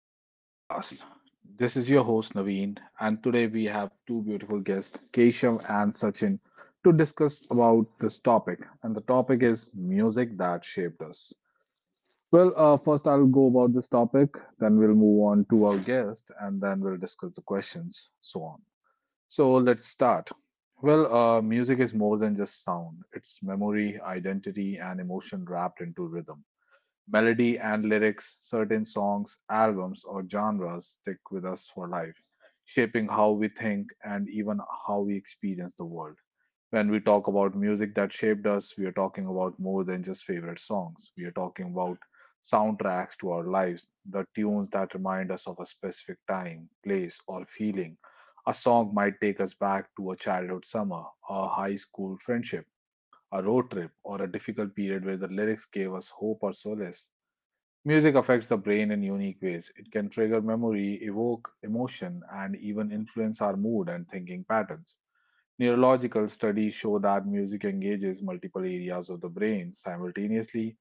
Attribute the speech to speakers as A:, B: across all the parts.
A: another podcast. This is your host, Naveen, and today we have two beautiful guests, Keshav and Sachin, to discuss about this topic. And the topic is music that shaped us. Well, first I'll go about this topic, then we'll move on to our guest, and then we'll discuss the questions, so on. So let's start. Well, music is more than just sound. It's memory, identity, and emotion wrapped into rhythm. Melody and lyrics, certain songs, albums, or genres stick with us for life, shaping how we think and even how we experience the world. When we talk about music that shaped us, we are talking about more than just favorite songs. We are talking about soundtracks to our lives, the tunes that remind us of a specific time, place, or feeling. A song might take us back to a childhood summer, a high school friendship, a road trip, or a difficult period where the lyrics gave us hope or solace. Music affects the brain in unique ways. It can trigger memory, evoke emotion, and even influence our mood and thinking patterns. Neurological studies show that music engages multiple areas of the brain simultaneously: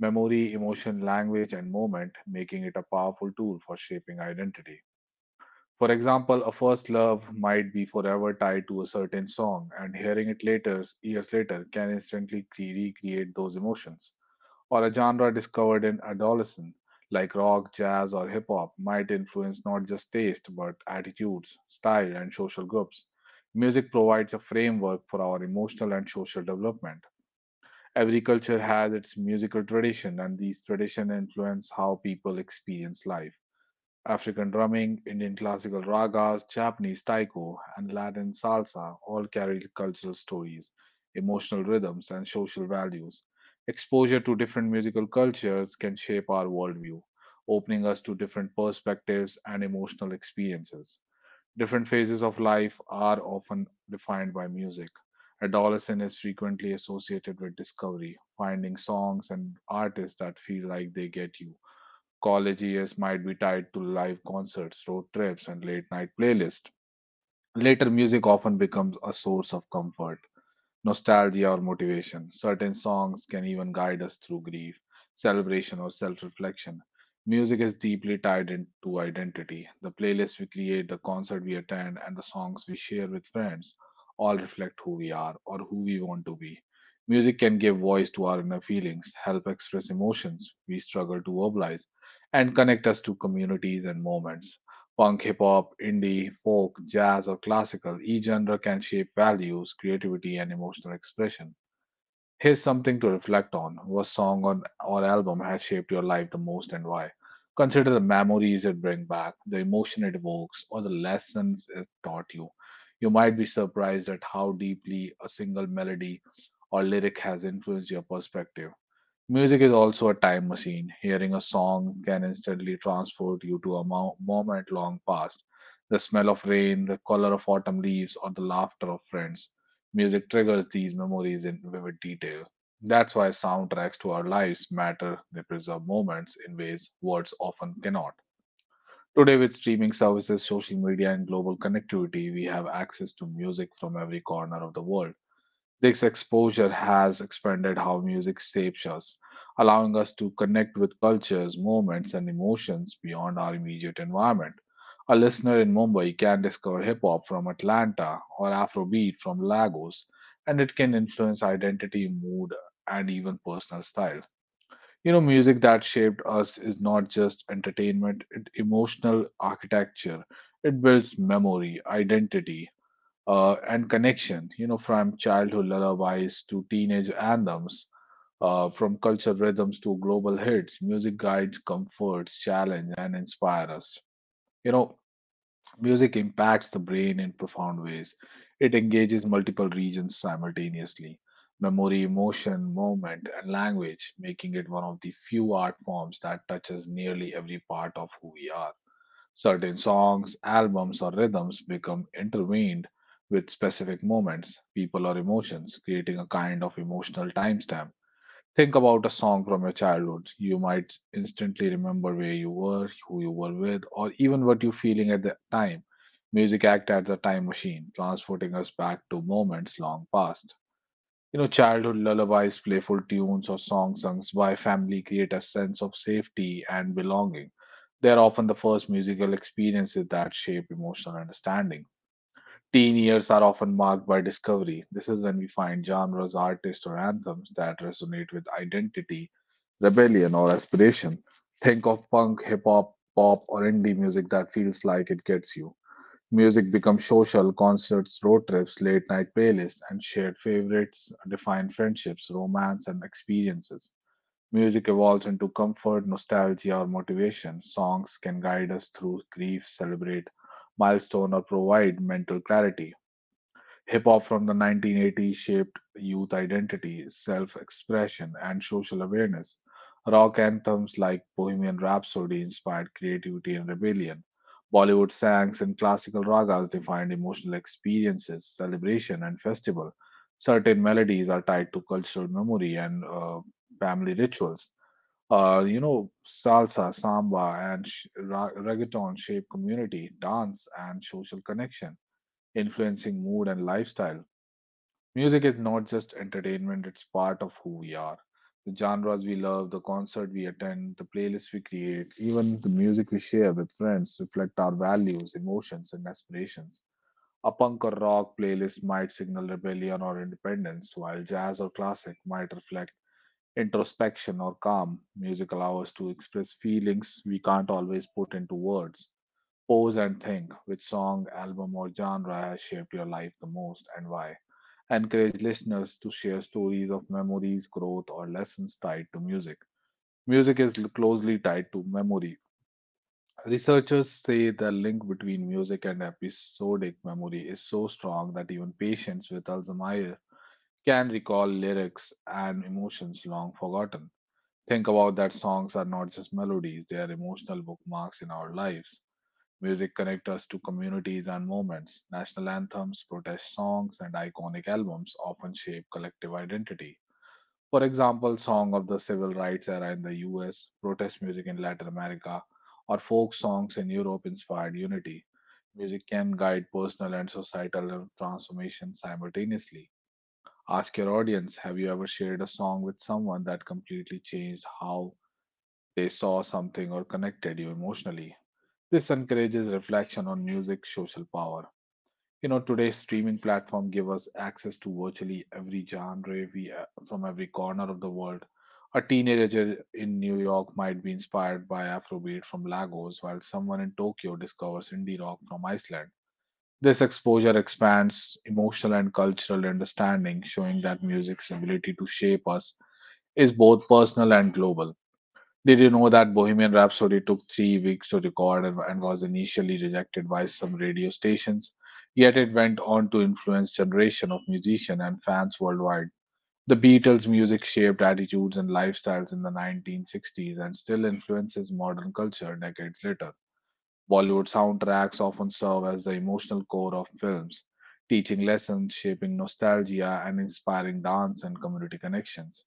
A: memory, emotion, language, and movement, making it a powerful tool for shaping identity. For example, a first love might be forever tied to a certain song, and hearing it later, years later, can instantly recreate those emotions, or a genre discovered in adolescence, like rock, jazz, or hip hop, might influence not just taste but attitudes, style, and social groups. Music provides a framework for our emotional and social development. Every culture has its musical tradition, and these traditions influence how people experience life. African drumming, Indian classical ragas, Japanese taiko, and Latin salsa all carry cultural stories, emotional rhythms, and social values. Exposure to different musical cultures can shape our worldview, opening us to different perspectives and emotional experiences. Different phases of life are often defined by music. Adolescence is frequently associated with discovery, finding songs and artists that feel like they get you. College years might be tied to live concerts, road trips, and late night playlists. Later, music often becomes a source of comfort, nostalgia, or motivation. Certain songs can even guide us through grief, celebration, or self reflection. Music is deeply tied into identity. The playlist we create, the concert we attend, and the songs we share with friends all reflect who we are or who we want to be. Music can give voice to our inner feelings, help express emotions we struggle to verbalize, and connect us to communities and moments. Punk, hip hop, indie, folk, jazz, or classical, each genre can shape values, creativity, and emotional expression. Here's something to reflect on. What song on, or album has shaped your life the most and why? Consider the memories it brings back, the emotion it evokes, or the lessons it taught you. You might be surprised at how deeply a single melody or lyric has influenced your perspective. Music is also a time machine. Hearing a song can instantly transport you to a moment long past. The smell of rain, the color of autumn leaves, or the laughter of friends. Music triggers these memories in vivid detail. That's why soundtracks to our lives matter. They preserve moments in ways words often cannot. Today, with streaming services, social media, and global connectivity, we have access to music from every corner of the world. This exposure has expanded how music shapes us, allowing us to connect with cultures, moments, and emotions beyond our immediate environment. A listener in Mumbai can discover hip hop from Atlanta or Afrobeat from Lagos, and it can influence identity, mood, and even personal style. You know, music that shaped us is not just entertainment, it's emotional architecture. It builds memory, identity, and connection, you know, from childhood lullabies to teenage anthems, from cultural rhythms to global hits, music guides, comforts, challenge, and inspire us. You know, music impacts the brain in profound ways. It engages multiple regions simultaneously: memory, emotion, movement, and language, making it one of the few art forms that touches nearly every part of who we are. Certain songs, albums, or rhythms become intertwined with specific moments, people, or emotions, creating a kind of emotional timestamp. Think about a song from your childhood. You might instantly remember where you were, who you were with, or even what you're feeling at the time. Music acts as a time machine, transporting us back to moments long past. You know, childhood lullabies, playful tunes, or songs sung by family create a sense of safety and belonging. They are often the first musical experiences that shape emotional understanding. Teen years are often marked by discovery. This is when we find genres, artists, or anthems that resonate with identity, rebellion, or aspiration. Think of punk, hip hop, pop, or indie music that feels like it gets you. Music becomes social: concerts, road trips, late night playlists, and shared favorites define friendships, romance, and experiences. Music evolves into comfort, nostalgia, or motivation. Songs can guide us through grief, celebrate milestone, or provide mental clarity. Hip hop from the 1980s shaped youth identity, self expression, and social awareness. Rock anthems like Bohemian Rhapsody inspired creativity and rebellion. Bollywood songs and classical ragas defined emotional experiences, celebration, and festival. Certain melodies are tied to cultural memory and family rituals. You know, salsa, samba, and reggaeton shape community, dance, and social connection, influencing mood and lifestyle. Music is not just entertainment, it's part of who we are. The genres we love, the concert we attend, the playlists we create, even the music we share with friends reflect our values, emotions, and aspirations. A punk or rock playlist might signal rebellion or independence, while jazz or classic might reflect introspection or calm. Music allows us to express feelings we can't always put into words. Pause and think which song, album, or genre has shaped your life the most and why. Encourage listeners to share stories of memories, growth, or lessons tied to music. Music is closely tied to memory. Researchers say the link between music and episodic memory is so strong that even patients with Alzheimer's can recall lyrics and emotions long forgotten. Think about that songs are not just melodies, they are emotional bookmarks in our lives. Music connects us to communities and moments. National anthems, protest songs, and iconic albums often shape collective identity. For example, song of the civil rights era in the US, protest music in Latin America, or folk songs in Europe inspired unity. Music can guide personal and societal transformation simultaneously. Ask your audience, have you ever shared a song with someone that completely changed how they saw something or connected you emotionally. This encourages reflection on music's social power. You know, today's streaming platform give us access to virtually every genre from every corner of the world. A teenager in New York might be inspired by Afrobeat from Lagos, while someone in Tokyo discovers indie rock from Iceland. This exposure expands emotional and cultural understanding, showing that music's ability to shape us is both personal and global. Did you know that Bohemian Rhapsody took 3 weeks to record and was initially rejected by some radio stations? Yet it went on to influence generation of musicians and fans worldwide. The Beatles' music shaped attitudes and lifestyles in the 1960s and still influences modern culture decades later. Bollywood soundtracks often serve as the emotional core of films, teaching lessons, shaping nostalgia, and inspiring dance and community connections.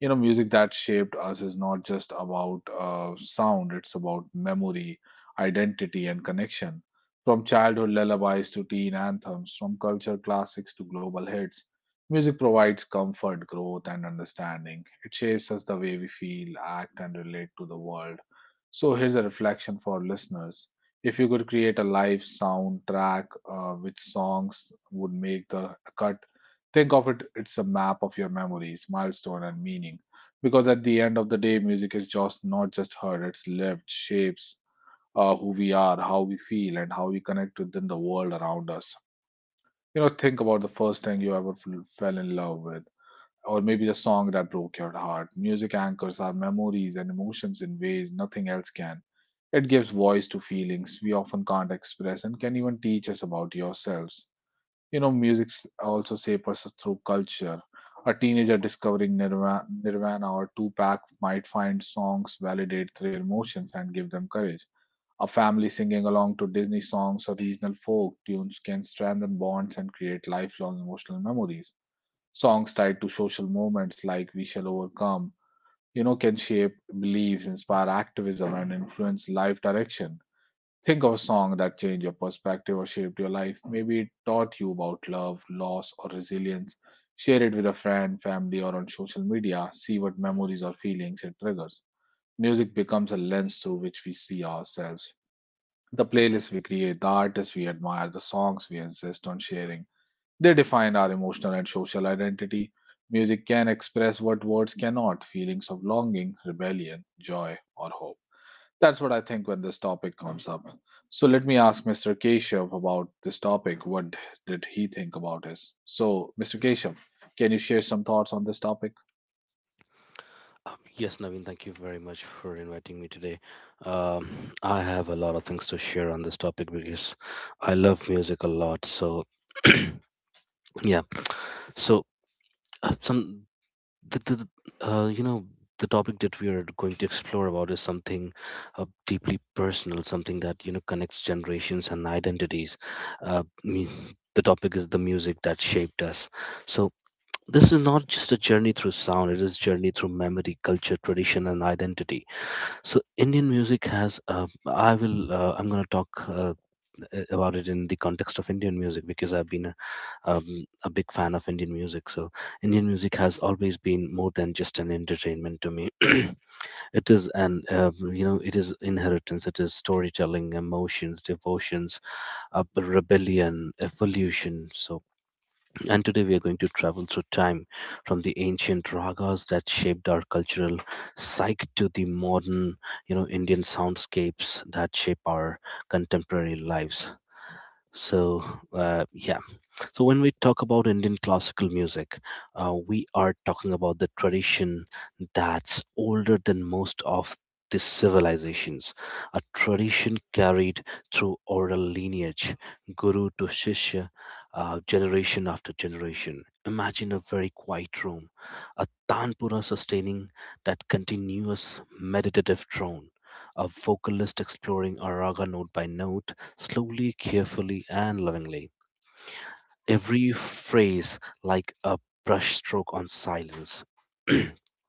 A: You know, music that shaped us is not just about sound, it's about memory, identity, and connection. From childhood lullabies to teen anthems, from culture classics to global hits, music provides comfort, growth, and understanding. It shapes us the way we feel, act, and relate to the world. So here's a reflection for listeners: if you could create a live soundtrack, which songs would make the cut? Think of it, it's a map of your memories, milestone, and meaning. Because at the end of the day, music is just not just heard, it's lived, shapes who we are, how we feel, and how we connect within the world around us. You know, think about the first thing you ever fell in love with, or maybe the song that broke your heart. Music anchors our memories and emotions in ways nothing else can. It gives voice to feelings we often can't express and can even teach us about yourselves. You know, music also shapes us through culture. A teenager discovering Nirvana or Tupac might find songs validate their emotions and give them courage. A family singing along to Disney songs or regional folk tunes can strengthen bonds and create lifelong emotional memories. Songs tied to social movements like We Shall Overcome, can shape beliefs, inspire activism, and influence life direction. Think of a song that changed your perspective or shaped your life. Maybe it taught you about love, loss, or resilience. Share it with a friend, family, or on social media. See what memories or feelings it triggers. Music becomes a lens through which we see ourselves. The playlists we create, the artists we admire, the songs we insist on sharing, they define our emotional and social identity. Music can express what words cannot feelings of longing, rebellion, joy, or hope. That's what I think when this topic comes up. So let me ask Mr. Keshav about this topic. What did he think about this? So, Mr. Keshav, can you share some thoughts on this topic?
B: Yes, Naveen, thank you very much for inviting me today. Um, I have a lot of things to share on this topic because I love music a lot. So yeah, so some the, the the, you know the topic that we are going to explore about is something deeply personal, something that you know connects generations and identities. Uh, me, the topic is the music that shaped us. So this is not just a journey through sound; it is journey through memory, culture, tradition, and identity. So Indian music has. I will. I'm going to talk about it in the context of Indian music because I've been a big fan of Indian music. So Indian music has always been more than just an entertainment to me. it is an. You know, it is inheritance. It is storytelling, emotions, devotions, rebellion, evolution. So and today we are going to travel through time from the ancient ragas that shaped our cultural psyche to the modern, you know, Indian soundscapes that shape our contemporary lives. So, uh, yeah, so, when we talk about Indian classical music, we are talking about the tradition that's older than most of the civilizations, a tradition carried through oral lineage, guru to shishya, generation after generation. Imagine a very quiet room, a tanpura sustaining that continuous meditative drone. A vocalist exploring a raga note by note, slowly, carefully, and lovingly every phrase like a brushstroke on silence. So,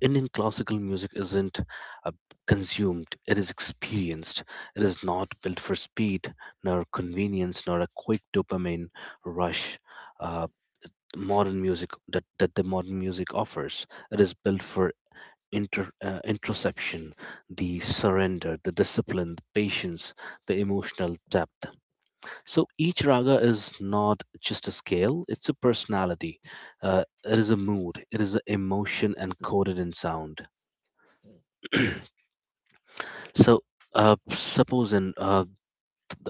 B: Indian classical music isn't uh, consumed, it is experienced. It is not built for speed, nor convenience, nor a quick dopamine rush. Uh, Modern music that the modern music offers it is built for introspection, the surrender, the discipline, the patience, the emotional depth. So each raga is not just a scale, it's a personality. It is a mood, it is an emotion encoded in sound. So suppose in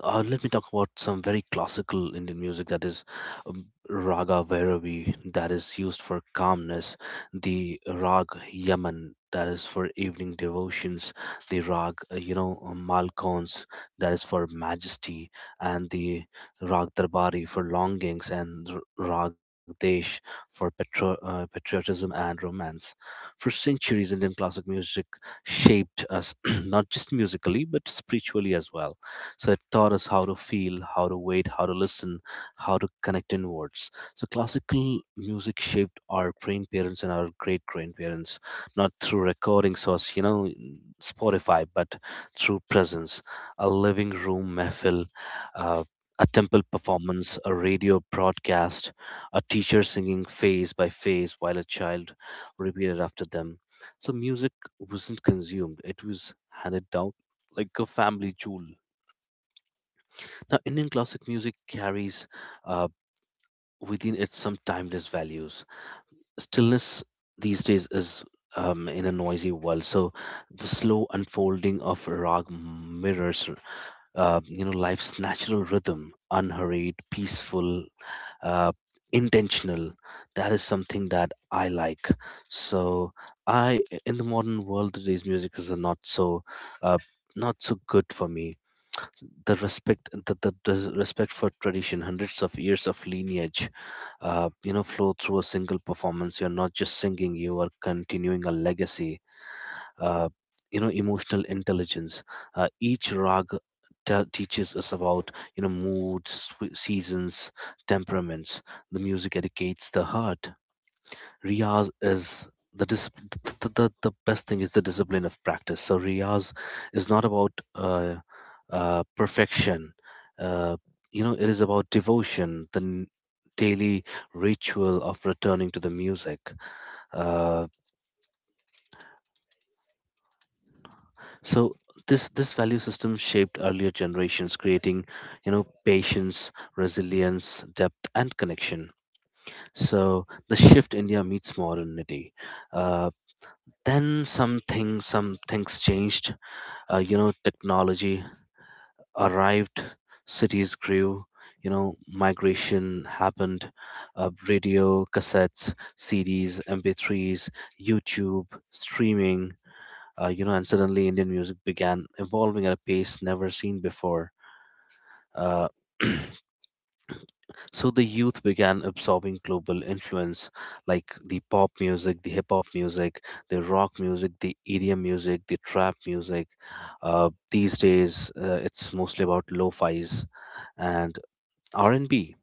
B: let me talk about some very classical Indian music. That is um, Raga Bhairavi, that is used for calmness; the Rag Yaman, that is for evening devotions; the Rag, Malkons, that is for majesty; and the Rag Darbari for longings; and Rag Desh for patriotism and romance. For centuries, Indian classic music shaped us not just musically but spiritually as well. So it taught us how to feel, how to wait, how to listen, how to connect inwards. So classical music shaped our grandparents and our great grandparents, not through recordings or, you know, Spotify, but through presence, a living room mehfil, uh, a temple performance, a radio broadcast, a teacher singing phase by phase while a child repeated after them. So music wasn't consumed, it was handed down like a family jewel. Now, Indian classic music carries uh, within it some timeless values. Stillness these days is, in a noisy world, so the slow unfolding of rag mirrors, you know, life's natural rhythm, unhurried, peaceful, uh, intentional. That is something that I like. So, I in the modern world, today's music is not so, uh, not so good for me. The respect, the respect for tradition, hundreds of years of lineage you know flow through a single performance. You're not just singing, you are continuing a legacy. uh, you know, emotional intelligence, each rag teaches us about, you know, moods, seasons, temperaments. The music educates the heart. Riyaz is the dis- the best thing is the discipline of practice. So Riyaz is not about perfection. Uh, you know, it is about devotion, the daily ritual of returning to the music. Uh, so this value system shaped earlier generations, creating, you know, patience, resilience, depth, and connection. So the shift, India meets modernity. Uh, Then something, some things changed. You know, technology arrived, cities grew. You know, migration happened. Radio, cassettes, CDs, MP3s, YouTube, streaming. You know, and suddenly Indian music began evolving at a pace never seen before. Uh, So the youth began absorbing global influence like the pop music, the hip hop music, the rock music, the EDM music, the trap music. These days, it's mostly about lo-fi's and R&B.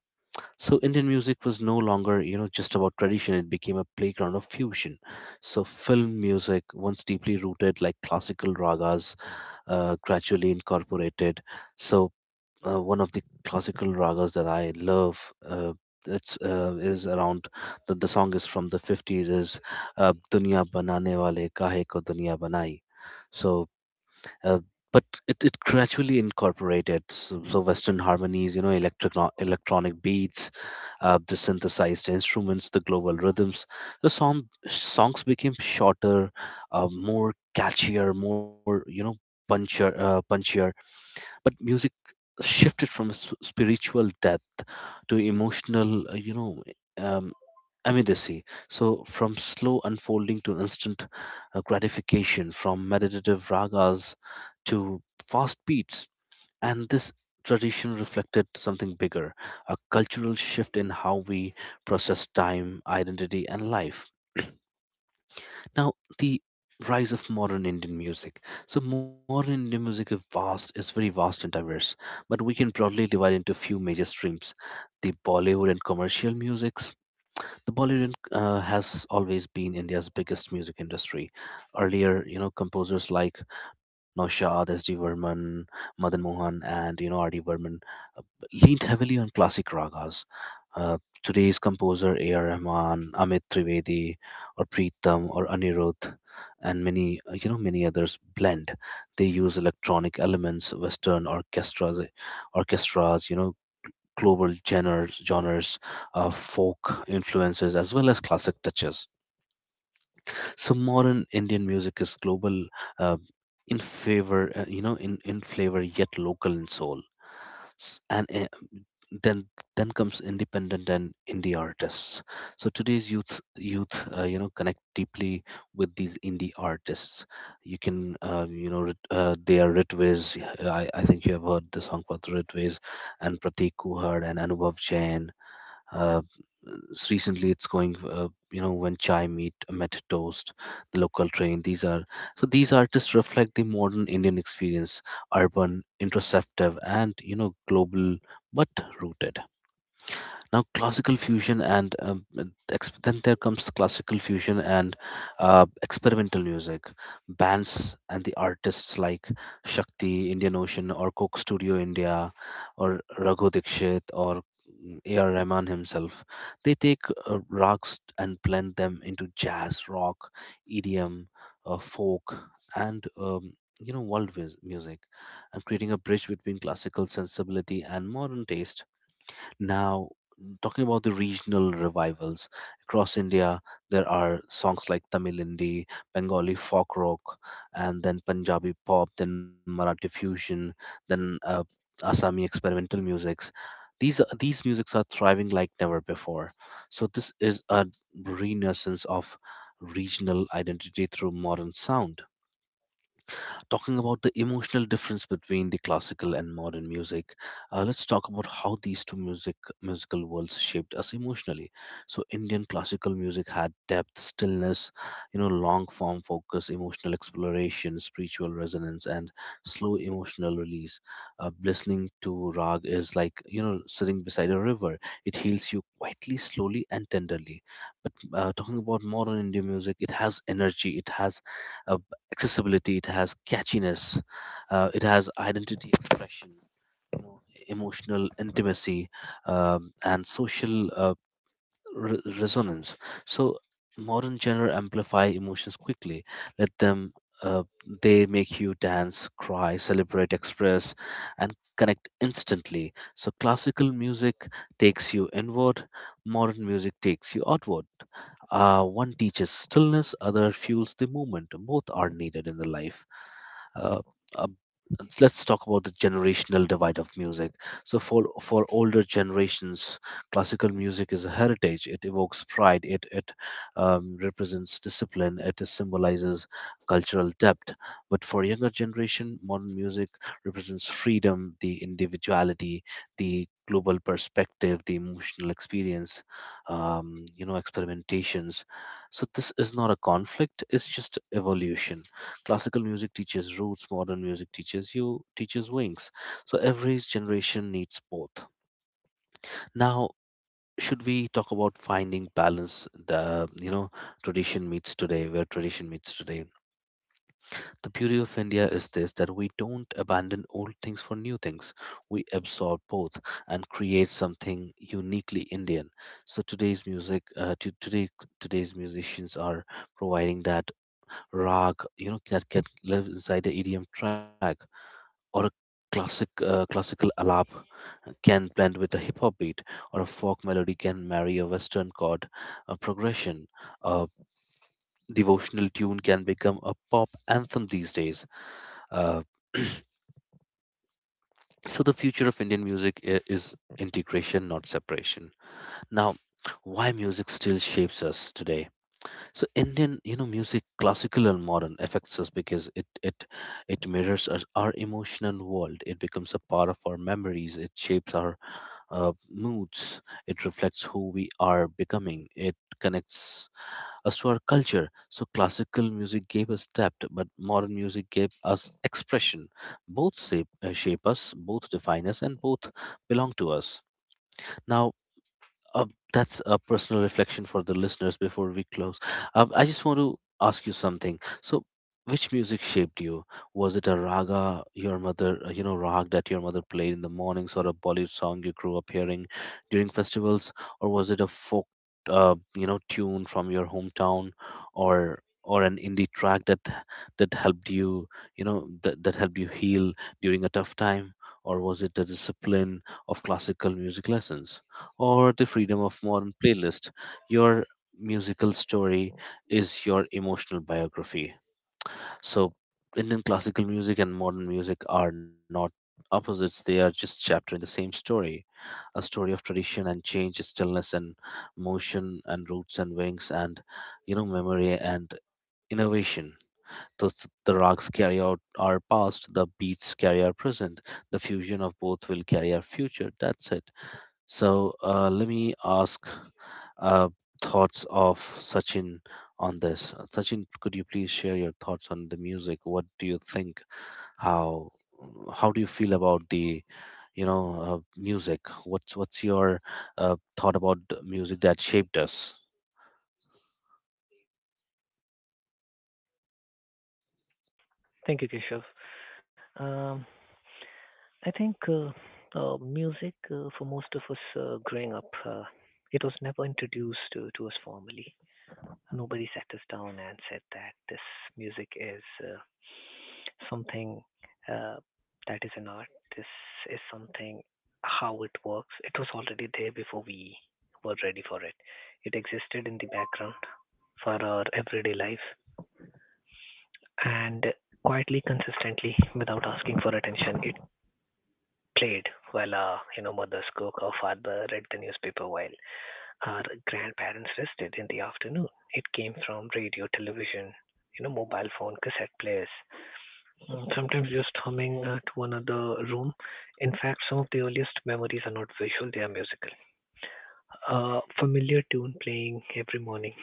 B: So Indian music was no longer, you know, just about tradition. It became a playground of fusion. So film music, once deeply rooted like classical ragas, gradually incorporated. So one of the classical ragas that I love, Uh, it's is around the song is from the 50s, is Dunya Banane Wale Kahe Ko Dunya Banai. So, uh, but it, it gradually incorporated so, so Western harmonies, you know, electric electronic beats, the synthesized instruments, the global rhythms. The songs became shorter, more catchier, more you know puncher punchier, but music shifted from spiritual depth to emotional, um, immediacy. So, from slow unfolding to instant gratification, from meditative ragas to fast beats. And this tradition reflected something bigger, a cultural shift in how we process time, identity, and life. Now, the rise of modern Indian music. So, modern Indian music is vast, is very vast and diverse, but we can broadly divide into few major streams: the Bollywood and commercial musics. The Bollywood has always been India's biggest music industry. Earlier, you know, composers like Naushad, S. D. Varman, Madan Mohan, and you know, R. D. Varman leaned heavily on classic ragas. Uh, Today's composer A.R. Rahman, Amit Trivedi, or Preetam, or Anirudh, and many you know many others blend. They use electronic elements, Western orchestras, you know, global genres, folk influences, as well as classic touches. So modern Indian music is global. Uh, in favor you know in flavor yet local in soul. S- and Then comes independent and indie artists. So today's youth you know connect deeply with these indie artists. You can they are Ritviz. I think you have heard the song about the Ritviz and Pratik Kuhad and Anubhav Jain. uh, Recently, it's going, you know, when chai meet met toast, the local train. These are, so these artists reflect the modern Indian experience, urban, introspective, and you know, global but rooted. Now classical fusion and then there comes classical fusion and experimental music bands and the artists like Shakti, Indian Ocean, or Coke Studio India, or Raghu Dikshit, or AR Rahman himself, they take rags and blend them into jazz, rock, EDM, folk, and you know world music, and creating a bridge between classical sensibility and modern taste. Now, talking about the regional revivals across India, there are songs like Tamil Indi, Bengali folk rock, and then Punjabi pop, then Marathi fusion, then Assami experimental musics. These musics are thriving like never before. So this is a renaissance of regional identity through modern sound. Talking about the emotional difference between the classical and modern music, let's talk about how these two musical worlds shaped us emotionally. So, Indian classical music had depth, stillness, you know, long form focus, emotional exploration, spiritual resonance, and slow emotional release. Listening to rag is like, you know, sitting beside a river; it heals you quietly, slowly, and tenderly. But talking about modern Indian music, it has energy, it has a accessibility, it has catchiness, it has identity expression, emo- emotional intimacy, and social resonance. So modern genre amplify emotions quickly. Let them uh, they make you dance, cry, celebrate, express, and connect instantly. So classical music takes you inward, modern music takes you outward. One teaches stillness, other fuels the movement. Both are needed in the life. uh, uh, let's talk about the generational divide of music. So for older generations, classical music is a heritage, it evokes pride, it represents discipline, it symbolizes cultural depth. But for younger generation, modern music represents freedom, the individuality, the global perspective, the emotional experience, you know, experimentations. So this is not a conflict, it's just evolution. Classical music teaches roots, modern music teaches wings. So every generation needs both. Now, should we talk about finding balance, the you know tradition meets today, where tradition meets today. The beauty of India is this, that we don't abandon old things for new things, we absorb both and create something uniquely Indian. So today's music to today today's musicians are providing that rag, you know, that can live inside the EDM track, or a classical alap can blend with a hip hop beat, or a folk melody can marry a western chord progression. A devotional tune can become a pop anthem these days. Uh, so the future of Indian music is integration, not separation. Now, why music still shapes us today? So Indian, music, classical and modern, affects us because it mirrors us, our emotional world. It becomes a part of our memories. It shapes our moods. It reflects who we are becoming. It connects us to our culture. So, classical music gave us depth, but modern music gave us expression. Both shape us, both define us, and both belong to us. Now, that's a personal reflection for the listeners before we close. I just want to ask you something. So, which music shaped you? Was it a raga your rag that your mother played in the mornings, or a Bollywood song you grew up hearing during festivals, or was it a tune from your hometown, or an indie track that helped you, you know, that, that helped you heal during a tough time, or was it the discipline of classical music lessons, or the freedom of modern playlist? Your musical story is your emotional biography. So, Indian classical music and modern music are not opposites, they are just chapter in the same story. A story of tradition and change, stillness and motion, and roots and wings, and memory and innovation. The, the rags carry out our past, the beats carry our present, the fusion of both will carry our future. That's it. So let me ask uh, thoughts of Sachin on this. Sachin, could you please share your thoughts on the music? What do you think? How how do you feel about the music? What's your thought about the music that shaped us?
C: Thank you, Keshav. Um, I think music for most of us growing up, it was never introduced to us formally. Nobody sat us down and said that this music is something uh, that is an art. This is something how it works. It was already there before we were ready for it. It existed in the background for our everyday life and quietly, consistently, without asking for attention, played while our mothers cooked or father read the newspaper while our grandparents rested in the afternoon. It came from radio, television, you know, mobile phone, cassette players, sometimes just humming to another room. In fact, some of the earliest memories are not visual; they are musical. A familiar tune playing every morning,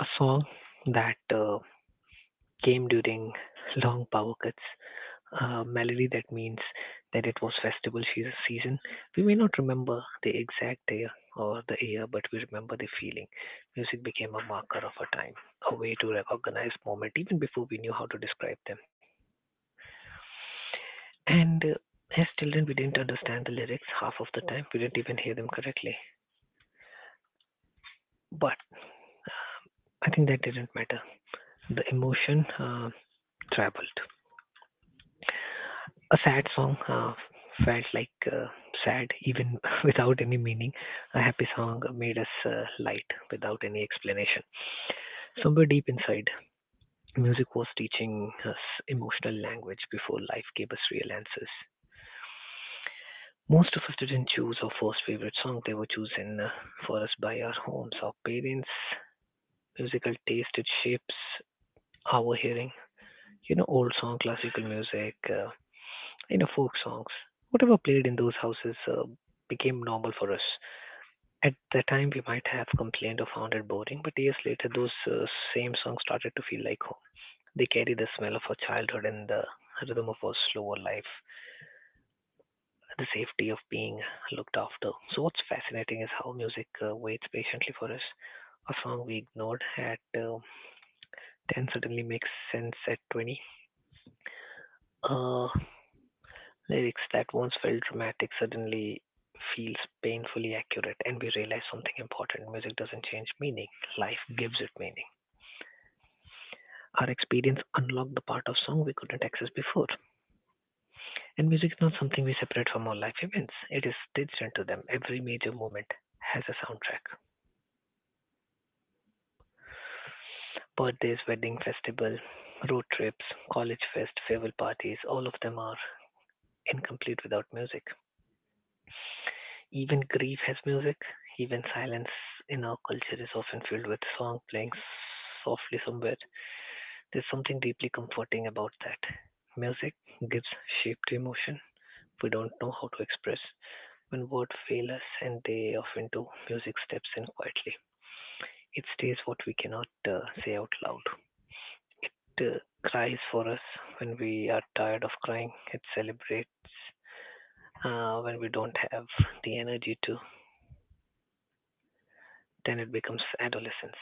C: a song that came during long power cuts, melody that means that it was season. We may not remember the exact day or the year, but we remember the feeling. Music became a marker of a time, a way to recognize moment even before we knew how to describe them. And as children, we didn't understand the lyrics half of the time. We didn't even hear them correctly. But I think that didn't matter. The emotion traveled. A sad song felt like sad even without any meaning. A happy song made us light without any explanation. Somewhere deep inside, music was teaching us emotional language before life gave us real answers. Most of us didn't choose our first favorite song, they were chosen for us by our homes, our parents. Musical taste, it shapes our hearing. You know, old song, classical music, you know, folk songs, whatever played in those houses became normal for us. At the time, we might have complained or found it boring, but years later, those same songs started to feel like home. They carry the smell of our childhood and the rhythm of our slower life, the safety of being looked after. So, what's fascinating is how music waits patiently for us. A song we ignored at 10 suddenly makes sense at 20. Uh, Lyrics that once felt dramatic suddenly feels painfully accurate, and we realize something important. Music doesn't change meaning, life gives it meaning. Our experience unlocked the part of song we couldn't access before. And music is not something we separate from our life events, it is stitched into them. Every major moment has a soundtrack. Birthdays, wedding, festival, road trips, college fest, farewell parties, all of them are incomplete without music. Even grief has music, even silence in our culture is often filled with song playing softly somewhere. There's something deeply comforting about that. Music gives shape to emotion we don't know how to express. When words fail us, and they often do, music steps in quietly. It stays what we cannot say out loud. It cries for us when we are tired of crying. It celebrates when we don't have the energy to. Then it becomes adolescence,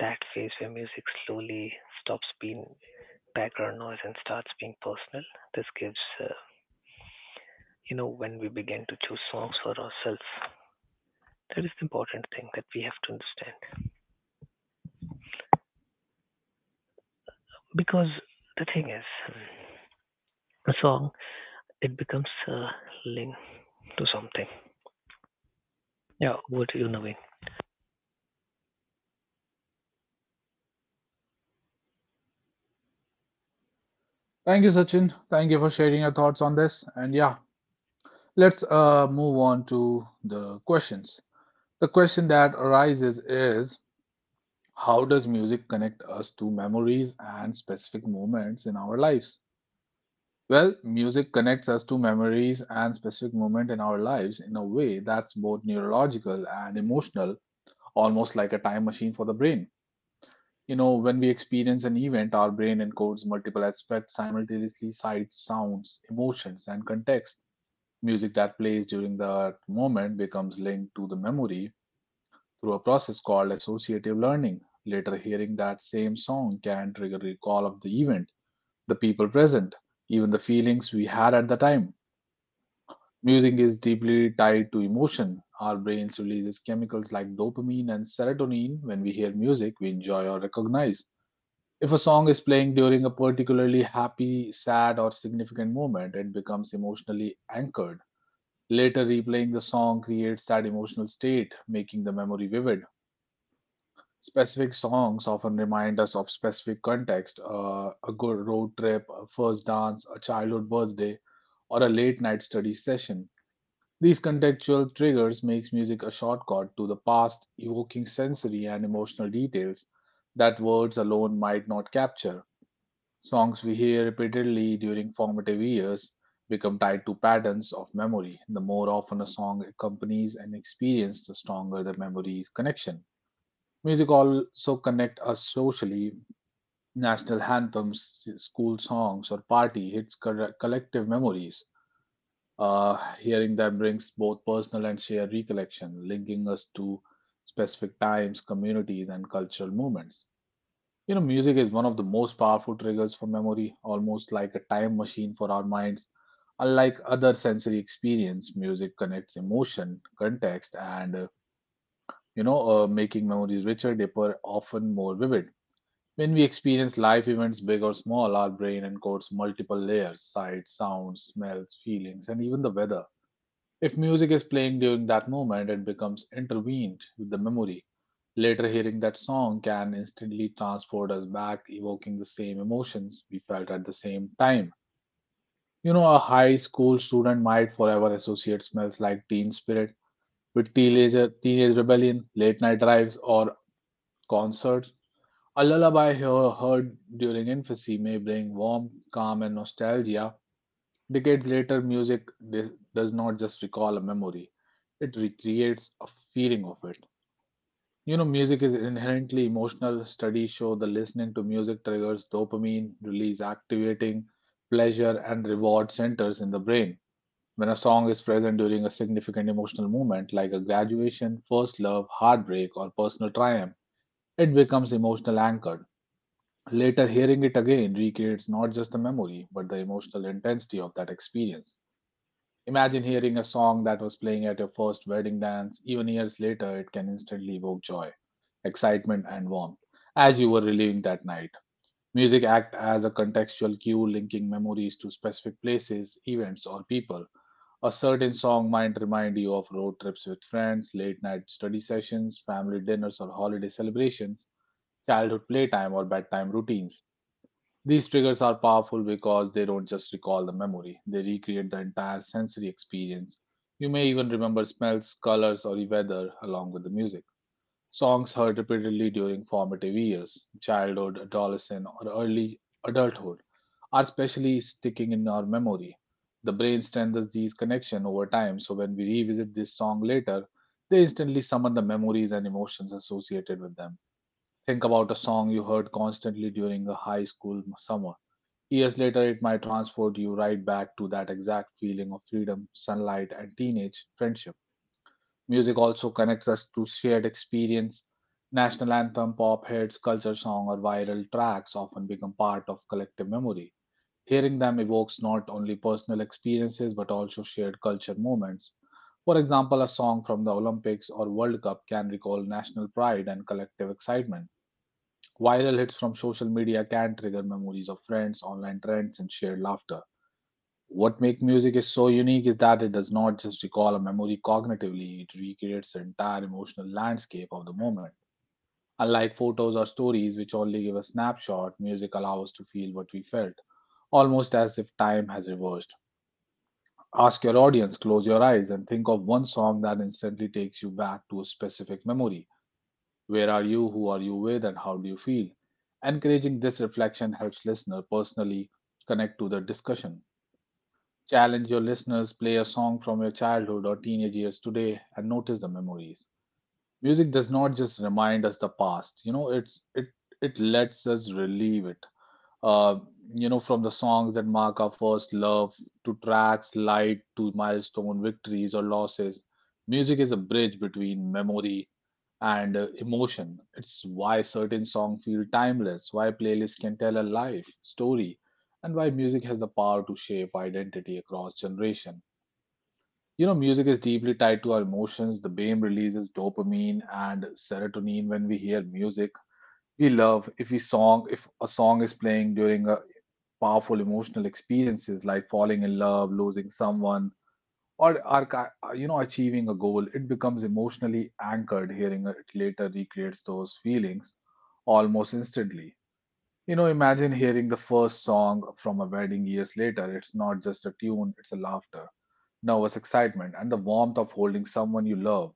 C: that phase where music slowly stops being background noise and starts being personal. This gives, you know, when we begin to choose songs for ourselves, that is the important thing that we have to understand. Because the thing is, a song it becomes linked to something. Yeah, what do you know, Naveen?
A: Thank you, Sachin. Thank you for sharing your thoughts on this. And yeah, let's move on to the questions. The question that arises is, how does music connect us to memories and specific moments in our lives? Well, music connects us to memories and specific moments in our lives in a way that's both neurological and emotional, almost like a time machine for the brain. When we experience an event, our brain encodes multiple aspects simultaneously sights, sounds, emotions, and context. Music that plays during that moment becomes linked to the memory through a process called associative learning. Later, hearing that same song can trigger recall of the event, the people present, even the feelings we had at the time. Music is deeply tied to emotion. Our brains releases chemicals like dopamine and serotonin when we hear music we enjoy or recognize. If a song is playing during a particularly happy, sad, or significant moment, it becomes emotionally anchored. Later, replaying the song creates that emotional state, making the memory vivid. Specific songs often remind us of specific context, a good road trip, a first dance, a childhood birthday, or a late night study session. These contextual triggers makes music a shortcut to the past, evoking sensory and emotional details that words alone might not capture. Songs we hear repeatedly during formative years become tied to patterns of memory. The more often a song accompanies an experience, the stronger the memory's connection. Music also connect us socially. National anthems, school songs, or party hits collective memories, hearing them brings both personal and shared recollection, linking us to specific times, communities, and cultural moments. Music is one of the most powerful triggers for memory, almost like a time machine for our minds. Unlike other sensory experience, music connects emotion, context, and making memories richer, deeper, often more vivid. When we experience life events, big or small, our brain encodes multiple layers sights, sounds, smells, feelings, and even the weather if music is playing during that moment, it becomes intervened with the memory. Later, hearing that song can instantly transport us back, evoking the same emotions we felt at the same time. A high school student might forever associate smells like teen spirit with teenager, teenage rebellion, late night drives, or concerts. A lullaby heard during infancy may bring warmth, calm, and nostalgia. Decades later, music does not just recall a memory, it recreates a feeling of it. Music is inherently emotional. Studies show the listening to music triggers dopamine release, activating pleasure and reward centers in the brain. When a song is present during a significant emotional moment, like a graduation, first love, heartbreak, or personal triumph, it becomes emotional anchored. Later, hearing it again recreates not just the memory, but the emotional intensity of that experience. Imagine hearing a song that was playing at your first wedding dance, even years later, it can instantly evoke joy, excitement, and warmth as you were reliving that night. Music acts as a contextual cue linking memories to specific places, events, or people. A certain song might remind you of road trips with friends, late night study sessions, family dinners or holiday celebrations, childhood playtime or bedtime routines. These triggers are powerful because they don't just recall the memory, they recreate the entire sensory experience. You may even remember smells, colors, or weather along with the music. Songs heard repeatedly during formative years, childhood, adolescence, or early adulthood, are especially sticking in our memory. The brain strengthens these connections over time, so when we revisit this song later, they instantly summon the memories and emotions associated with them. Think about a song you heard constantly during a high school summer. Years later, it might transport you right back to that exact feeling of freedom, sunlight, and teenage friendship. Music also connects us to shared experience. National anthem, pop hits, culture song, or viral tracks often become part of collective memory. Hearing them evokes not only personal experiences but also shared culture moments. For example, a song from the Olympics or World Cup can recall national pride and collective excitement. Viral hits from social media can trigger memories of friends, online trends, and shared laughter. What makes music is so unique is that it does not just recall a memory cognitively, it recreates the entire emotional landscape of the moment. Unlike photos or stories, which only give a snapshot, music allows us to feel what we felt, almost as if time has reversed. Ask your audience, close your eyes, and think of one song that instantly takes you back to a specific memory. Where are you? Who are you with? And how do you feel? Encouraging this reflection helps listener personally connect to the discussion. Challenge your listeners, play a song from your childhood or teenage years today and notice the memories. Music does not just remind us the past. It lets us relieve it. uh, from the songs that mark our first love to tracks light to milestone victories or losses, music is a bridge between memory and emotion. It's why certain songs feel timeless, why playlists can tell a life story, and why music has the power to shape identity across generation. Music is deeply tied to our emotions. The brain releases dopamine and serotonin when we hear music we love. If a song is playing during a powerful emotional experiences like falling in love, losing someone, or are ki- you know achieving a goal, it becomes emotionally anchored. Hearing it later recreates those feelings almost instantly. Imagine hearing the first song from a wedding years later. It's not just a tune; it's a laughter nervous excitement, and the warmth of holding someone you love.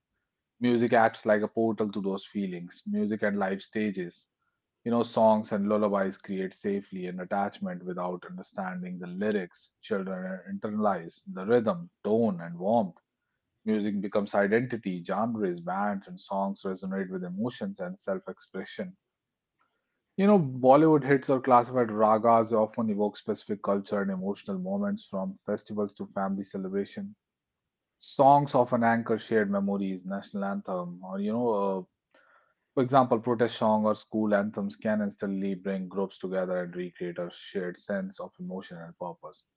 A: Music acts like a portal to those feelings. Music and live stages, songs and lullabies create safely an attachment without understanding the lyrics. Children internalize the rhythm, tone, and warmth. Music becomes identity, genres, bands, and songs resonate with emotions and self expression. Bollywood hits or classified ragas often evoke specific culture and emotional moments from festivals to family celebration songs of an anchor shared memories, national anthem, or for example, protest song or school anthems can instantly bring groups together and recreate a shared sense of emotion and purpose.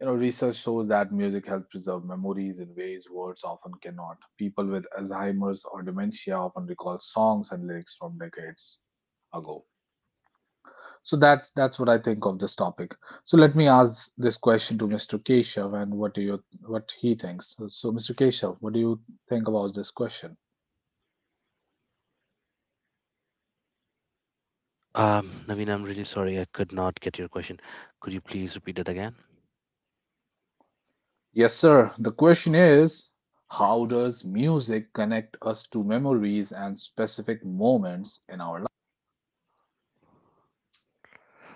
A: Research shows that music helps preserve memories in ways words often cannot. People with Alzheimer's or dementia often recall songs and lyrics from decades ago. So that's what I think of this topic. So let me ask this question to Mr. Keshav and what do you what he thinks. So, Mr. Keshav, what do you think about this question?
B: Naveen, I'm really sorry I could not get your question. Could you please repeat it again?
A: Yes, sir. The question is, how does music connect us to memories and specific moments in our life?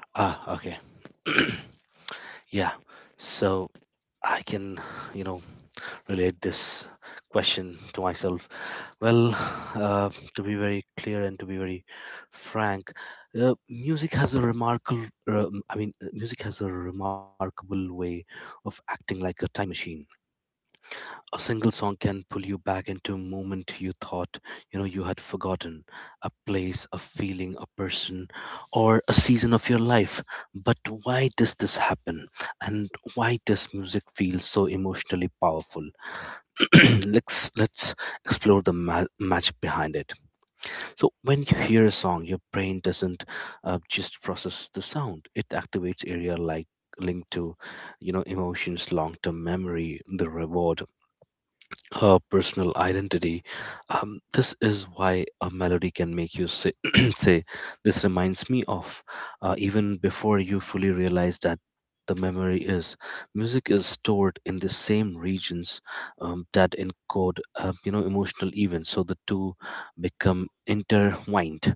B: Ah, okay. Yeah. So I can, you know, relate this question to myself. Well, to be very clear and to be very frank, music has a remarkable, I mean, music has a remarkable way of acting like a time machine. A single song can pull you back into a moment you thought, you know, you had forgotten, a place, a feeling, a person, or a season of your life. But why does this happen? And why does music feel so emotionally powerful? Let's explore the magic behind it. So when you hear a song, your brain doesn't just process the sound. It activates area like linked to, you know, emotions, long-term memory, the reward, personal identity. This is why a melody can make you say, say, this reminds me of, even before you fully realize that the memory is. Music is stored in the same regions that encode, emotional events, so the two become intertwined.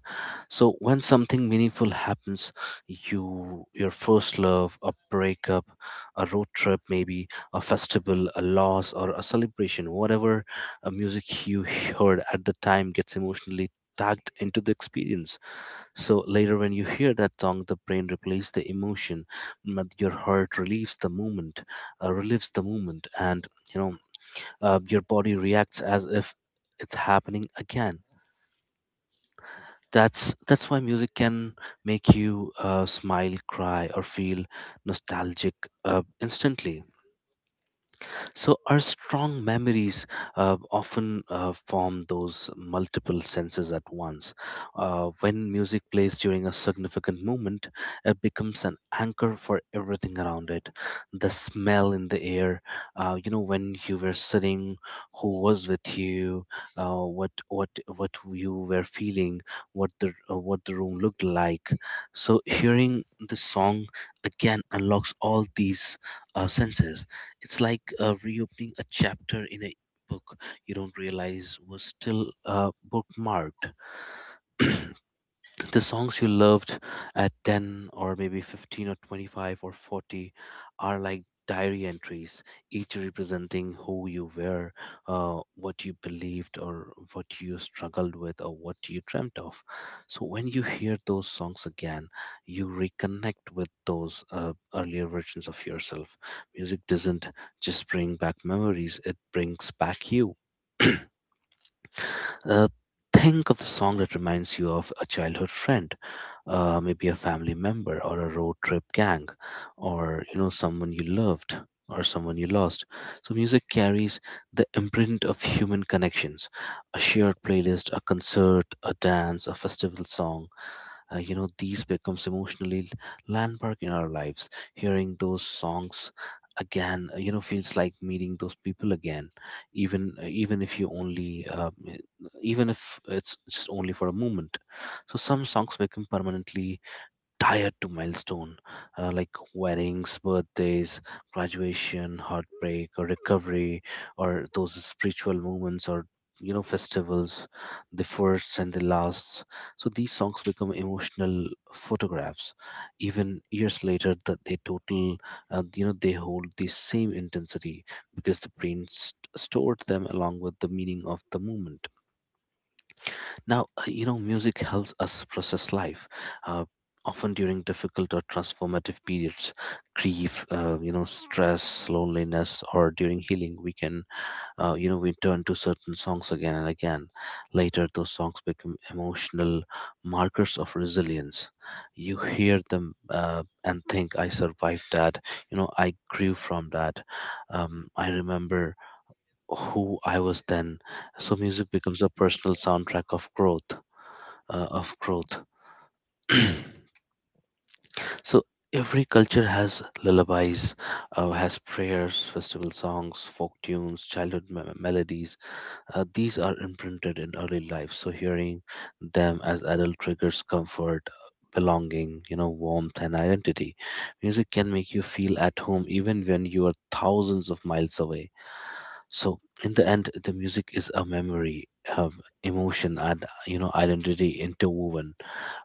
B: So when something meaningful happens, you, your first love, a breakup, a road trip, maybe a festival, a loss, or a celebration, whatever music you heard at the time gets emotionally tagged into the experience. So later, when you hear that song, the brain replaces the emotion, your heart relieves the moment, and you know your body reacts as if it's happening again. That's why music can make you smile, cry, or feel nostalgic instantly. So, our strong memories often form those multiple senses at once. When music plays during a significant moment, it becomes an anchor for everything around it. The smell in the air, when you were sitting, who was with you, what you were feeling, what the room looked like. So, hearing the song again unlocks all these senses. It's like reopening a chapter in a book you don't realize was still bookmarked. The songs you loved at 10 or maybe 15 or 25 or 40 are like diary entries, each representing who you were, what you believed, or what you struggled with, or what you dreamt of. So when you hear those songs again, you reconnect with those earlier versions of yourself. Music doesn't just bring back memories, it brings back you. Uh, think of the song that reminds you of a childhood friend, maybe a family member or a road trip gang, or you know, someone you loved or someone you lost. So music carries the imprint of human connections. A shared playlist, a concert, a dance, a festival song, you know, these becomes emotionally landmark in our lives. Hearing those songs again, you know, feels like meeting those people again, even if you only even if it's just only for a moment. So some songs become permanently tied to milestone, like weddings, birthdays, graduation, heartbreak, or recovery, or those spiritual moments or, you know, festivals, the firsts and the lasts. So these songs become emotional photographs. Even years later, that they total you know, they hold the same intensity, because the brain stored them along with the meaning of the moment. You know, music helps us process life, uh, often during difficult or transformative periods, grief, you know, stress, loneliness, or during healing. We can, you know, We turn to certain songs again and again. Later, those songs become emotional markers of resilience. You hear them and think, I survived that, you know, I grew from that. I remember who I was then. So music becomes a personal soundtrack of growth. So every culture has lullabies, has prayers, festival songs, folk tunes, childhood melodies. These are imprinted in early life. So hearing them as adult triggers comfort, belonging, you know, warmth and identity. Music can make you feel at home even when you are thousands of miles away. So, in the end, the music is a memory, um, emotion, and, you know, identity interwoven.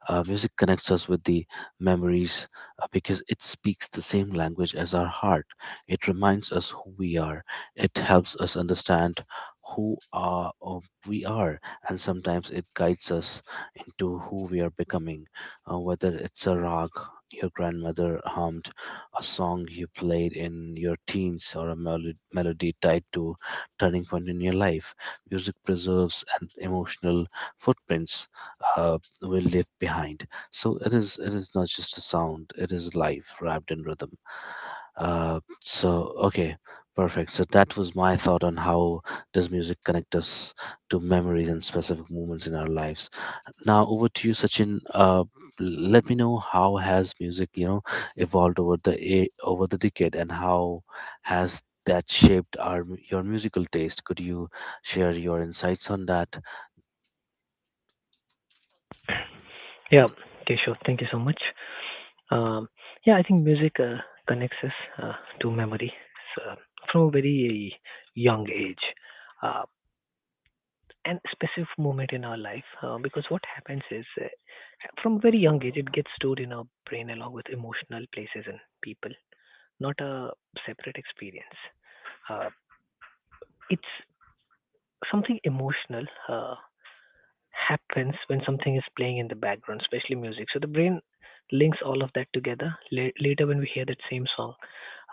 B: Music connects us with the memories because it speaks the same language as our heart. It reminds us who we are. It helps us understand who are, uh, we are, and sometimes it guides us into who we are becoming. Whether it's a rag your grandmother hummed, a song you played in your teens, or a melody tied to turning point in your life, music preserves and emotional footprints uh, we leave behind. So it is not just a sound; it is life wrapped in rhythm. So okay, perfect. So that was my thought on how does music connect us to memories and specific moments in our lives. Now over to you, Sachin. Let me know how has music, you know, evolved over over the decade, and how has that shaped our your musical taste. Could you share your insights on that?
C: Yeah, okay, sure. Thank you so much. Um, yeah, I think music connects us uh, to memory, so from a very young age. Uh, an specific moment in our life because what happens is from a very young age it gets stored in our brain along with emotional places and people, not a separate experience. uh, it's something emotional uh, happens when something is playing in the background, especially music, so the brain links all of that together. Later when we hear that same song,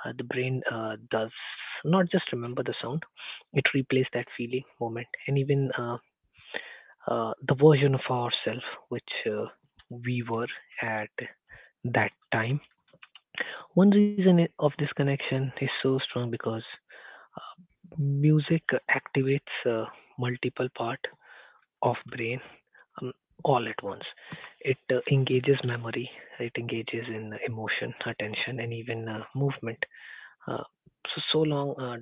C: the brain does not just remember the sound, it replays that feeling moment and even the version of ourselves which we were at that time. One reason of this connection is so strong because uh, music activates multiple part of brain um, all at once. It engages memory, it engages in emotion, attention, and even movement. Uh, so so long,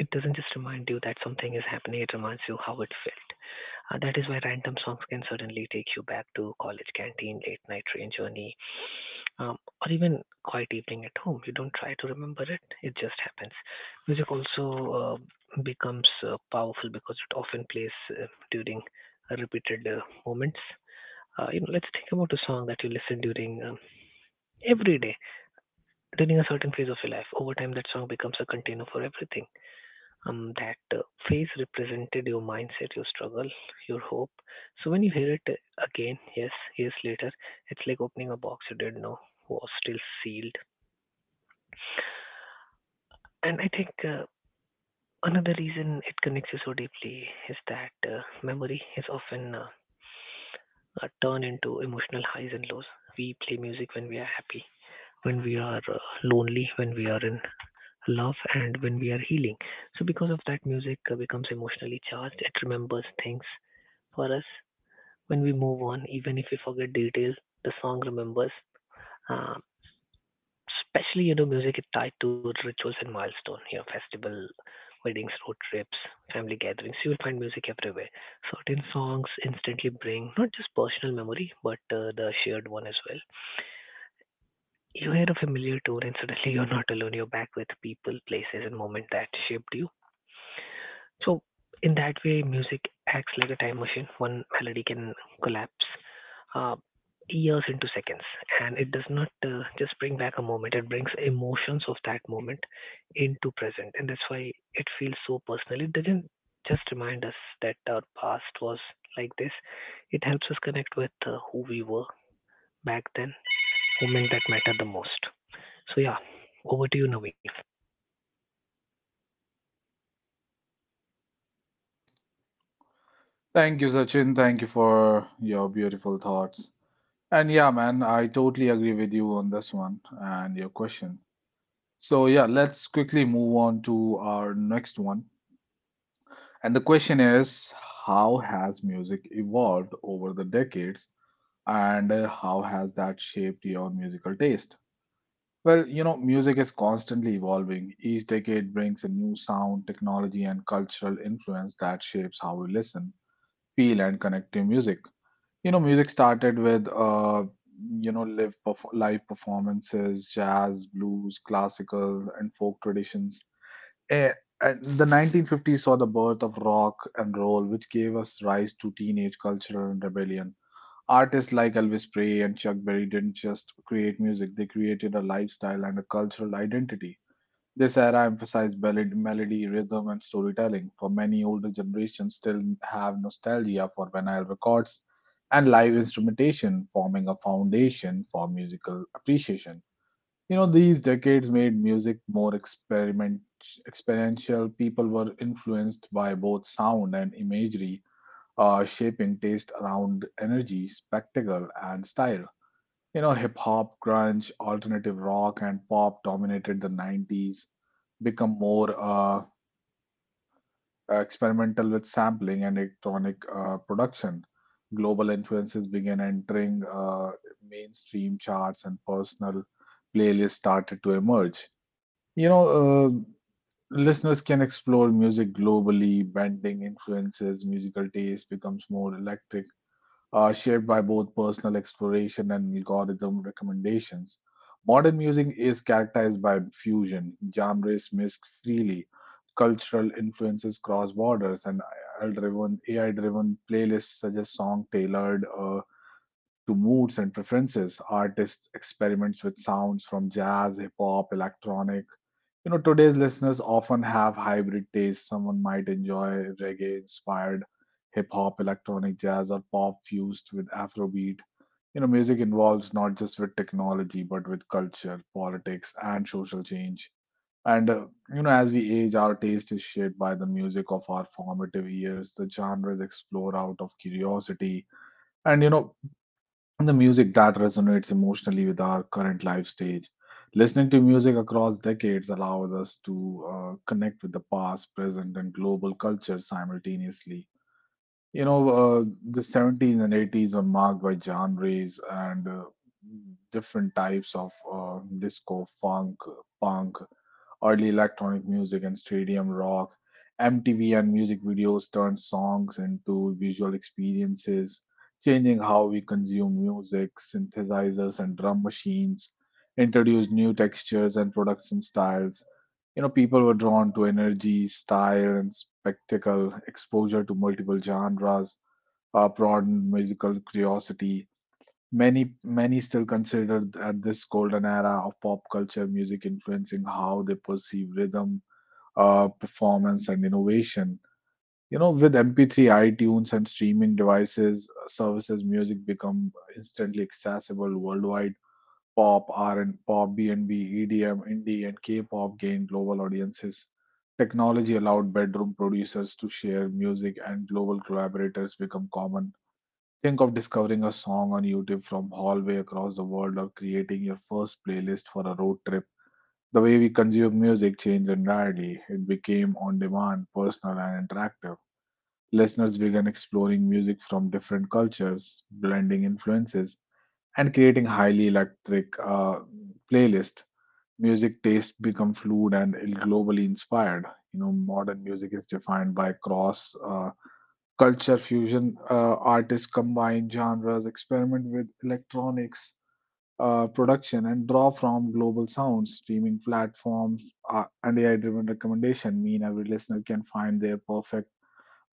C: it doesn't just remind you that something is happening; it reminds you how it felt. That is why random songs can certainly take you back to college canteen, late night train journey, um, or even quiet evening at home. You don't try to remember it; it just happens. Music also uh, becomes powerful because it often plays during repeated moments. You know, let's think about a song that you listen during every day, during a certain phase of your life. Over time, that song becomes a container for everything that phase represented your mindset, your struggle, your hope. So when you hear it again, yes, years later, it's like opening a box you didn't know was still sealed. And I think another reason it connects you so deeply is that memory is often turned into emotional highs and lows. We play music when we are happy, when we are lonely, when we are in love, and when we are healing. So because of that, music becomes emotionally charged. It remembers things for us when we move on, even if we forget details, the song remembers. Um, especially, you know, music is tied to rituals and milestone. You know, festival, weddings, road trips, family gatherings. You will find music everywhere. Certain songs instantly bring not just personal memory, but the shared one as well. You hear a familiar tune, and suddenly you're not alone. You're back with people, places, and moments that shaped you. So in that way, music acts like a time machine. One melody can collapse uh, years into seconds, and it does not just bring back a moment. It brings emotions of that moment into present, and that's why it feels so personal. It doesn't just remind us that our past was like this. It helps us connect with who we were back then, moment that mattered the most. So yeah, over to you, Naveen.
A: Thank you, Sachin. Thank you for your beautiful thoughts. And yeah, man, I totally agree with you on this one and your question. So yeah, let's quickly move on to our next one. And the question is, how has music evolved over the decades and how has that shaped your musical taste? Well, music is constantly evolving. Each decade brings a new sound, technology, and cultural influence that shapes how we listen, feel, and connect to music. Music started with, live performances, jazz, blues, classical, and folk traditions. Eh, the 1950s saw the birth of rock and roll, which gave us rise to teenage cultural and rebellion. Artists like Elvis Presley and Chuck Berry didn't just create music, they created a lifestyle and a cultural identity. This era emphasized ballad, melody, rhythm, and storytelling. For many older generations, still have nostalgia for vinyl records and live instrumentation, forming a foundation for musical appreciation. These decades made music more experiment experiential. People were influenced by both sound and imagery, shaping taste around energy, spectacle, and style. Hip hop, grunge, alternative rock, and pop dominated the 90s, become more experimental with sampling and electronic production. Global influences began entering mainstream charts, and personal playlists started to emerge. You know, uh, Listeners can explore music globally, bending influences, musical taste becomes more electric, shaped by both personal exploration and algorithm recommendations. Modern music is characterized by fusion, genres mixed freely, cultural influences cross borders, and AI-driven playlists suggest songs tailored to moods and preferences. Artists experiments with sounds from jazz, hip hop, electronic, you know, today's listeners often have hybrid tastes. Someone might enjoy reggae inspired hip hop, electronic jazz, or pop fused with Afrobeat. You know, music involves not just with technology, but with culture, politics, and social change. And, uh, as we age, our taste is shaped by the music of our formative years. The genres explore out of curiosity. And, you know, the music that resonates emotionally with our current life stage. Listening to music across decades allows us to connect with the past, present, and global culture simultaneously. You know, uh, the 70s and 80s were marked by genres and different types of disco, funk, punk, early electronic music and stadium rock. MTV and music videos turned songs into visual experiences, changing how we consume music. Synthesizers and drum machines introduced new textures and production styles. You know, people were drawn to energy, style, and spectacle, exposure to multiple genres, broadened musical curiosity. Many still consider at this golden era of pop culture music influencing how they perceive rhythm, performance, and innovation. You know, with MP3, iTunes, and streaming devices services, music become instantly accessible worldwide. Pop, R and pop, B&B, EDM, indie, and K-pop gained global audiences. Technology allowed bedroom producers to share music, and global collaborators become common. Think of discovering a song on YouTube from halfway across the world or creating your first playlist for a road trip. The way we consume music changed entirely. It became on demand, personal, and interactive. Listeners began exploring music from different cultures, blending influences, and creating highly electric playlists. Music tastes become fluid and globally inspired. You know, modern music is defined by cross culture fusion. Artists combine genres, experiment with electronics production, and draw from global sounds, streaming platforms, and AI driven recommendation mean every listener can find their perfect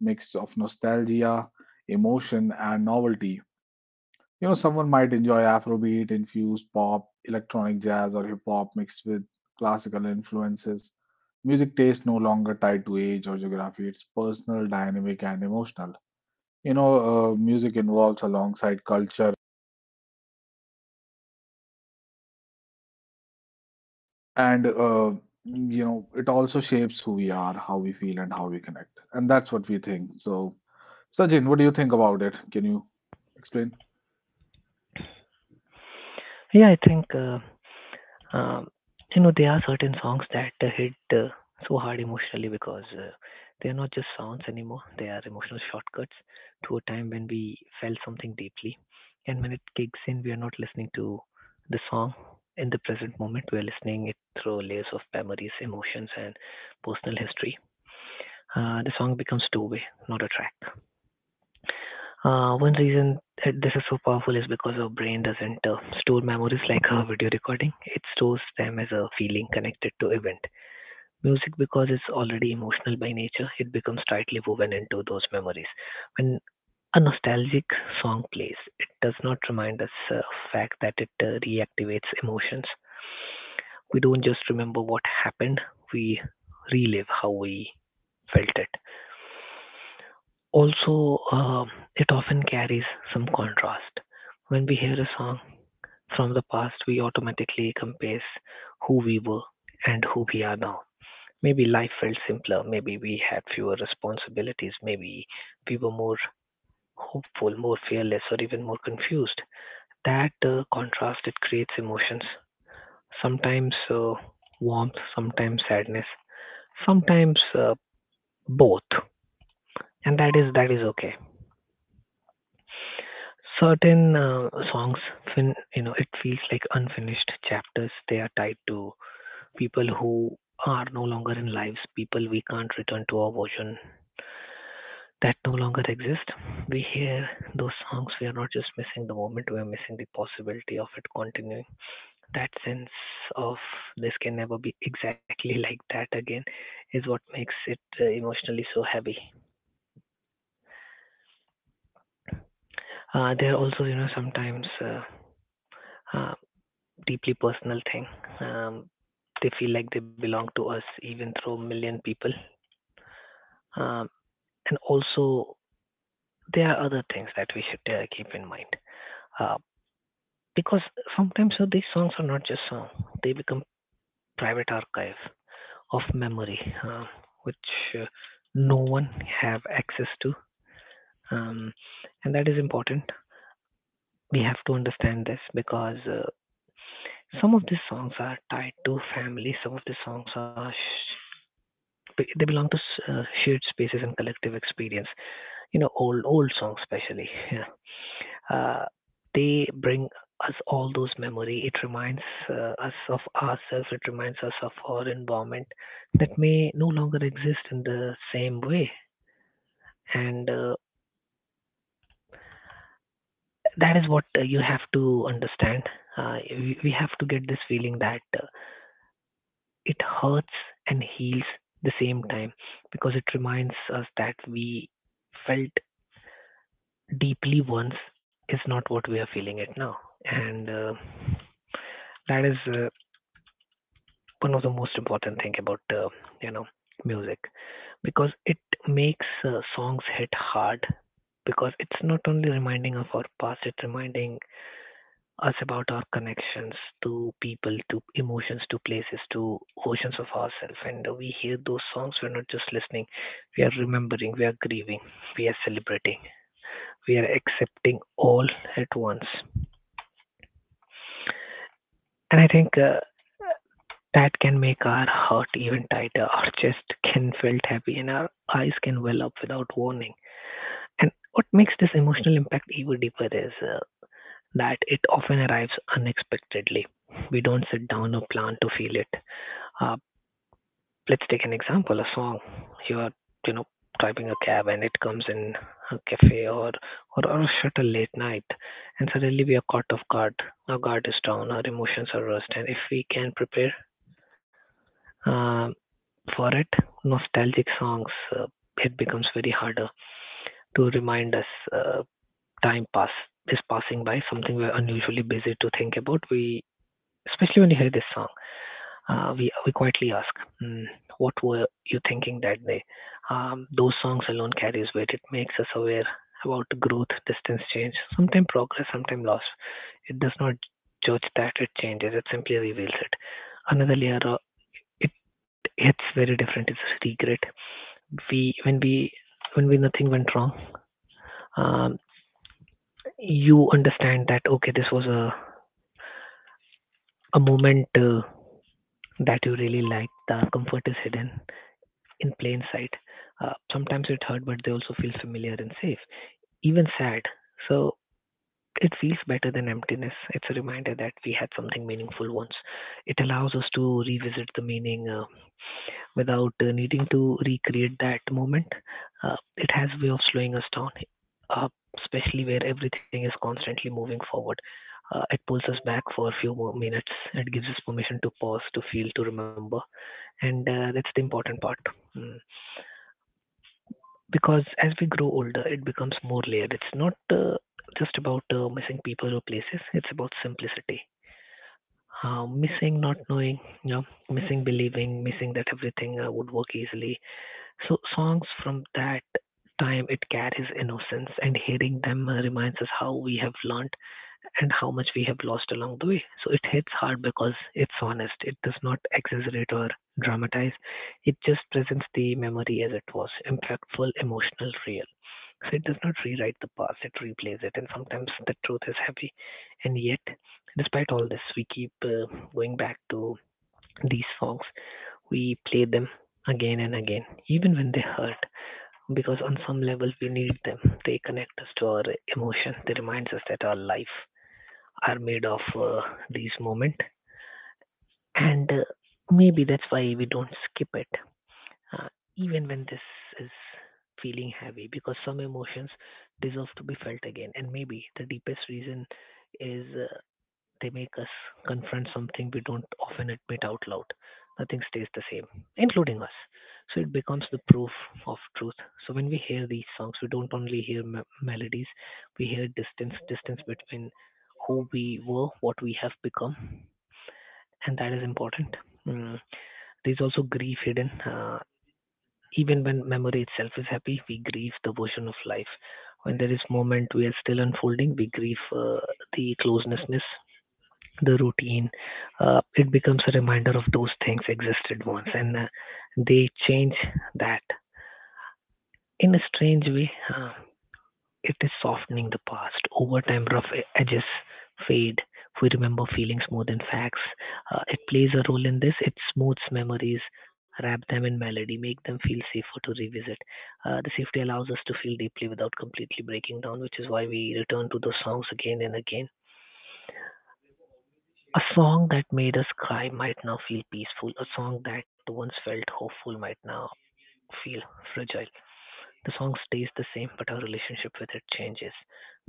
A: mix of nostalgia, emotion, and novelty. You know, someone might enjoy Afrobeat infused pop, electronic jazz, or hip hop mixed with classical influences. Music taste no longer tied to age or geography, it's personal, dynamic, and emotional. Music evolves alongside culture, and it also shapes who we are, how we feel, and how we connect, and that's what we think. So, Sachin, what do you think about it? Can you explain?
C: Yeah, I think Um, you know, there are certain songs that hit so hard emotionally because they are not just sounds anymore. They are emotional shortcuts to a time when we felt something deeply. And when it kicks in, we are not listening to the song in the present moment. We are listening it through layers of memories, emotions, and personal history. The song becomes two-way, not a track. One reason that this is so powerful is because our brain doesn't store memories like a video recording. It stores them as a feeling connected to event. Music, because it's already emotional by nature, it becomes tightly woven into those memories. When a nostalgic song plays, it does not remind us fact that it reactivates emotions. We don't just remember what happened; we relive how we felt it. Also, it often carries some contrast. When we hear a song from the past, we automatically compare who we were and who we are now. Maybe life felt simpler, maybe we had fewer responsibilities, maybe we were more hopeful, more fearless, or even more confused. That contrast it creates emotions. Sometimes warmth, sometimes sadness, sometimes both, and that is okay. Certain songs you know it feels like unfinished chapters, they are tied to people who are no longer in lives, people we can't return to, our version that no longer exist. We hear those songs, we are not just missing the moment, we are missing the possibility of it continuing. That sense of this can never be exactly like that again is what makes it emotionally so heavy. There are also you know sometimes uh, deeply personal thing. Um, they feel like they belong to us even through a million people. Um, and also, there are other things that we should keep in mind. Uh, because sometimes these songs are not just songs, they become private archive of memory, which uh, no one have access to. Um, and that is important. We have to understand this because some of these songs are tied to family, some of the songs are they belong to shared spaces and collective experience. You know, old songs especially. Yeah. Uh, they bring us all those memory. It reminds us of ourselves. It reminds us of our environment that may no longer exist in the same way. And that is what you have to understand. We have to get this feeling that it hurts and heals the same time because it reminds us that we felt deeply once is not what we are feeling it now. And that is one of the most important thing about you know music because it makes songs hit hard because it's not only reminding of our past it's reminding us about our connections to people to emotions to places to oceans of ourselves and we hear those songs we're not just listening we are remembering we are grieving we are celebrating we are accepting all at once and I think that can make our heart even tighter, our chest can felt heavy, and our eyes can well up without warning. And what makes this emotional impact even deeper is that it often arrives unexpectedly. We don't sit down or plan to feel it. Uh, let's take an example: a song. You're, you know, driving a cab, and it comes in a cafe or or shut a late night, and suddenly we are caught off guard. Our guard is down, our emotions are rushed, and if we can prepare uh, for it, nostalgic songs, uh, it becomes very harder to remind us time pass is passing by, something we're unusually busy to think about. We, especially when you hear this song, we quietly ask, mm, what were you thinking that day? Those songs alone carries weight. It makes us aware about growth, distance, change, sometimes progress, sometimes loss. It does not judge that it changes. It simply reveals it. Another layer it hits very different. It's regret. We when we when we nothing went wrong, um, you understand that okay, this was a moment that you really liked. The comfort is hidden in plain sight. Sometimes it hurt, but they also feel familiar and safe, even sad. So it feels better than emptiness. It's a reminder that we had something meaningful once. It allows us to revisit the meaning. Without needing to recreate that moment. It has a way of slowing us down, uh, especially where everything is constantly moving forward. It pulls us back for a few more minutes. It gives us permission to pause, to feel, to remember, and that's the important part. Mm. Because as we grow older, it becomes more layered. It's not just about missing people or places. It's about simplicity. Missing, not knowing, missing, believing, missing that everything would work easily. So songs from that time it carries innocence and hearing them reminds us how we have learned and how much we have lost along the way. So it hits hard because it's honest. It does not exaggerate or dramatize. It just presents the memory as it was, impactful, emotional, real. So it does not rewrite the past, it replays it, and sometimes the truth is heavy. And yet, despite all this, we keep going back to these songs. We play them again and again, even when they hurt, because on some level we need them. They connect us to our emotion. They reminds us that our life are made of these moment, and maybe that's why we don't skip it, uh, even when this is feeling heavy. Because some emotions deserve to be felt again, and maybe the deepest reason is they make us confront something we don't often admit out loud. Nothing stays the same, including us. So it becomes the proof of truth. So when we hear these songs, we don't only hear melodies, we hear distance, distance between who we were, what we have become, and that is important. Mm. There's also grief hidden. Even when memory itself is happy, we grieve the version of life. When there is moment we are still unfolding, we grieve the closenessness the routine, it becomes a reminder of those things existed once and they change that. In a strange way, it is softening the past. Over time, rough edges fade. We remember feelings more than facts. It plays a role in this. It smooths memories, wrap them in melody, make them feel safer to revisit. The safety allows us to feel deeply without completely breaking down, which is why we return to those songs again and again. A song that made us cry might now feel peaceful. A song that once felt hopeful might now feel fragile. The song stays the same, but our relationship with it changes.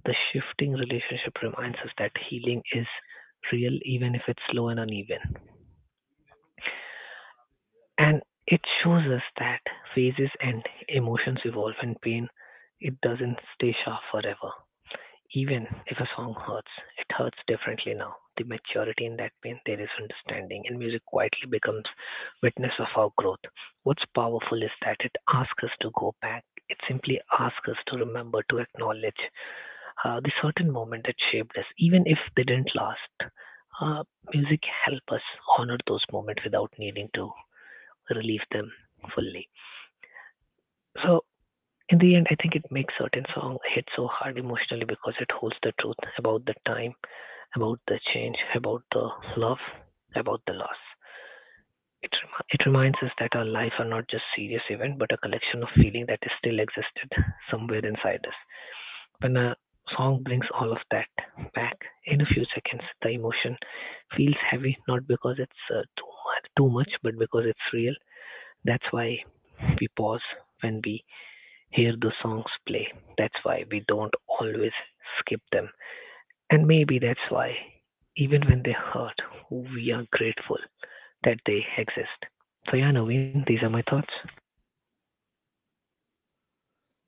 C: The shifting relationship reminds us that healing is real, even if it's slow and uneven. And it shows us that phases and emotions evolve, and pain, it doesn't stay sharp forever. Even if a song hurts, it hurts differently now. The maturity in that pain, there is understanding, and music quietly becomes witness of our growth. What's powerful is that it asks us to go back. It simply asks us to remember, to acknowledge the certain moment that shaped us, even if they didn't last. Uh, music help us honor those moments without needing to relieve them fully. So in the end, I think it makes certain song hit so hard emotionally because it holds the truth about the time about the change, about the love, about the loss. It, it reminds us that our life are not just serious event, but a collection of feeling that is still existed somewhere inside us. When a song brings all of that back in a few seconds, the emotion feels heavy, not because it's too much, but because it's real. That's why we pause when we hear the songs play. That's why we don't always skip them. And maybe that's why, even when they hurt, we are grateful that they exist. So, yeah, Naveen, these are my thoughts.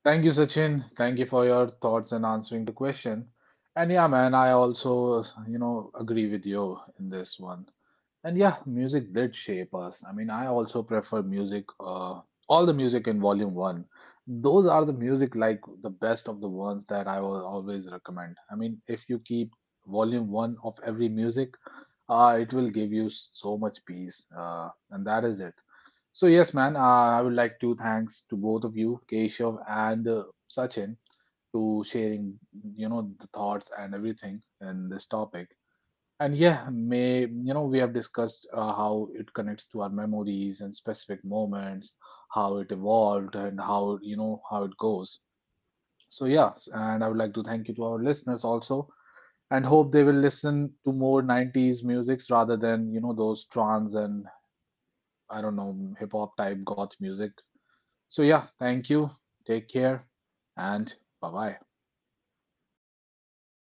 A: Thank you, Sachin. Thank you for your thoughts and answering the question. And yeah, man, I also, you know, agree with you in this one. And yeah, music did shape us. I mean, I also prefer music, all the music in volume one. Those are the music like the best of the ones that I will always recommend. I mean, if you keep volume one of every music, it will give you so much peace. And that is it. So yes, man, I would like to thanks to both of you, Keshav and Sachin, to sharing, you know, the thoughts and everything in this topic. And yeah, may you know we have discussed how it connects to our memories and specific moments, how it evolved, and how you know how it goes. So yeah, and I would like to thank you to our listeners also, and hope they will listen to more '90s musics rather than you know those trance and I don't know hip hop type goth music. So yeah, thank you. Take care, and bye bye.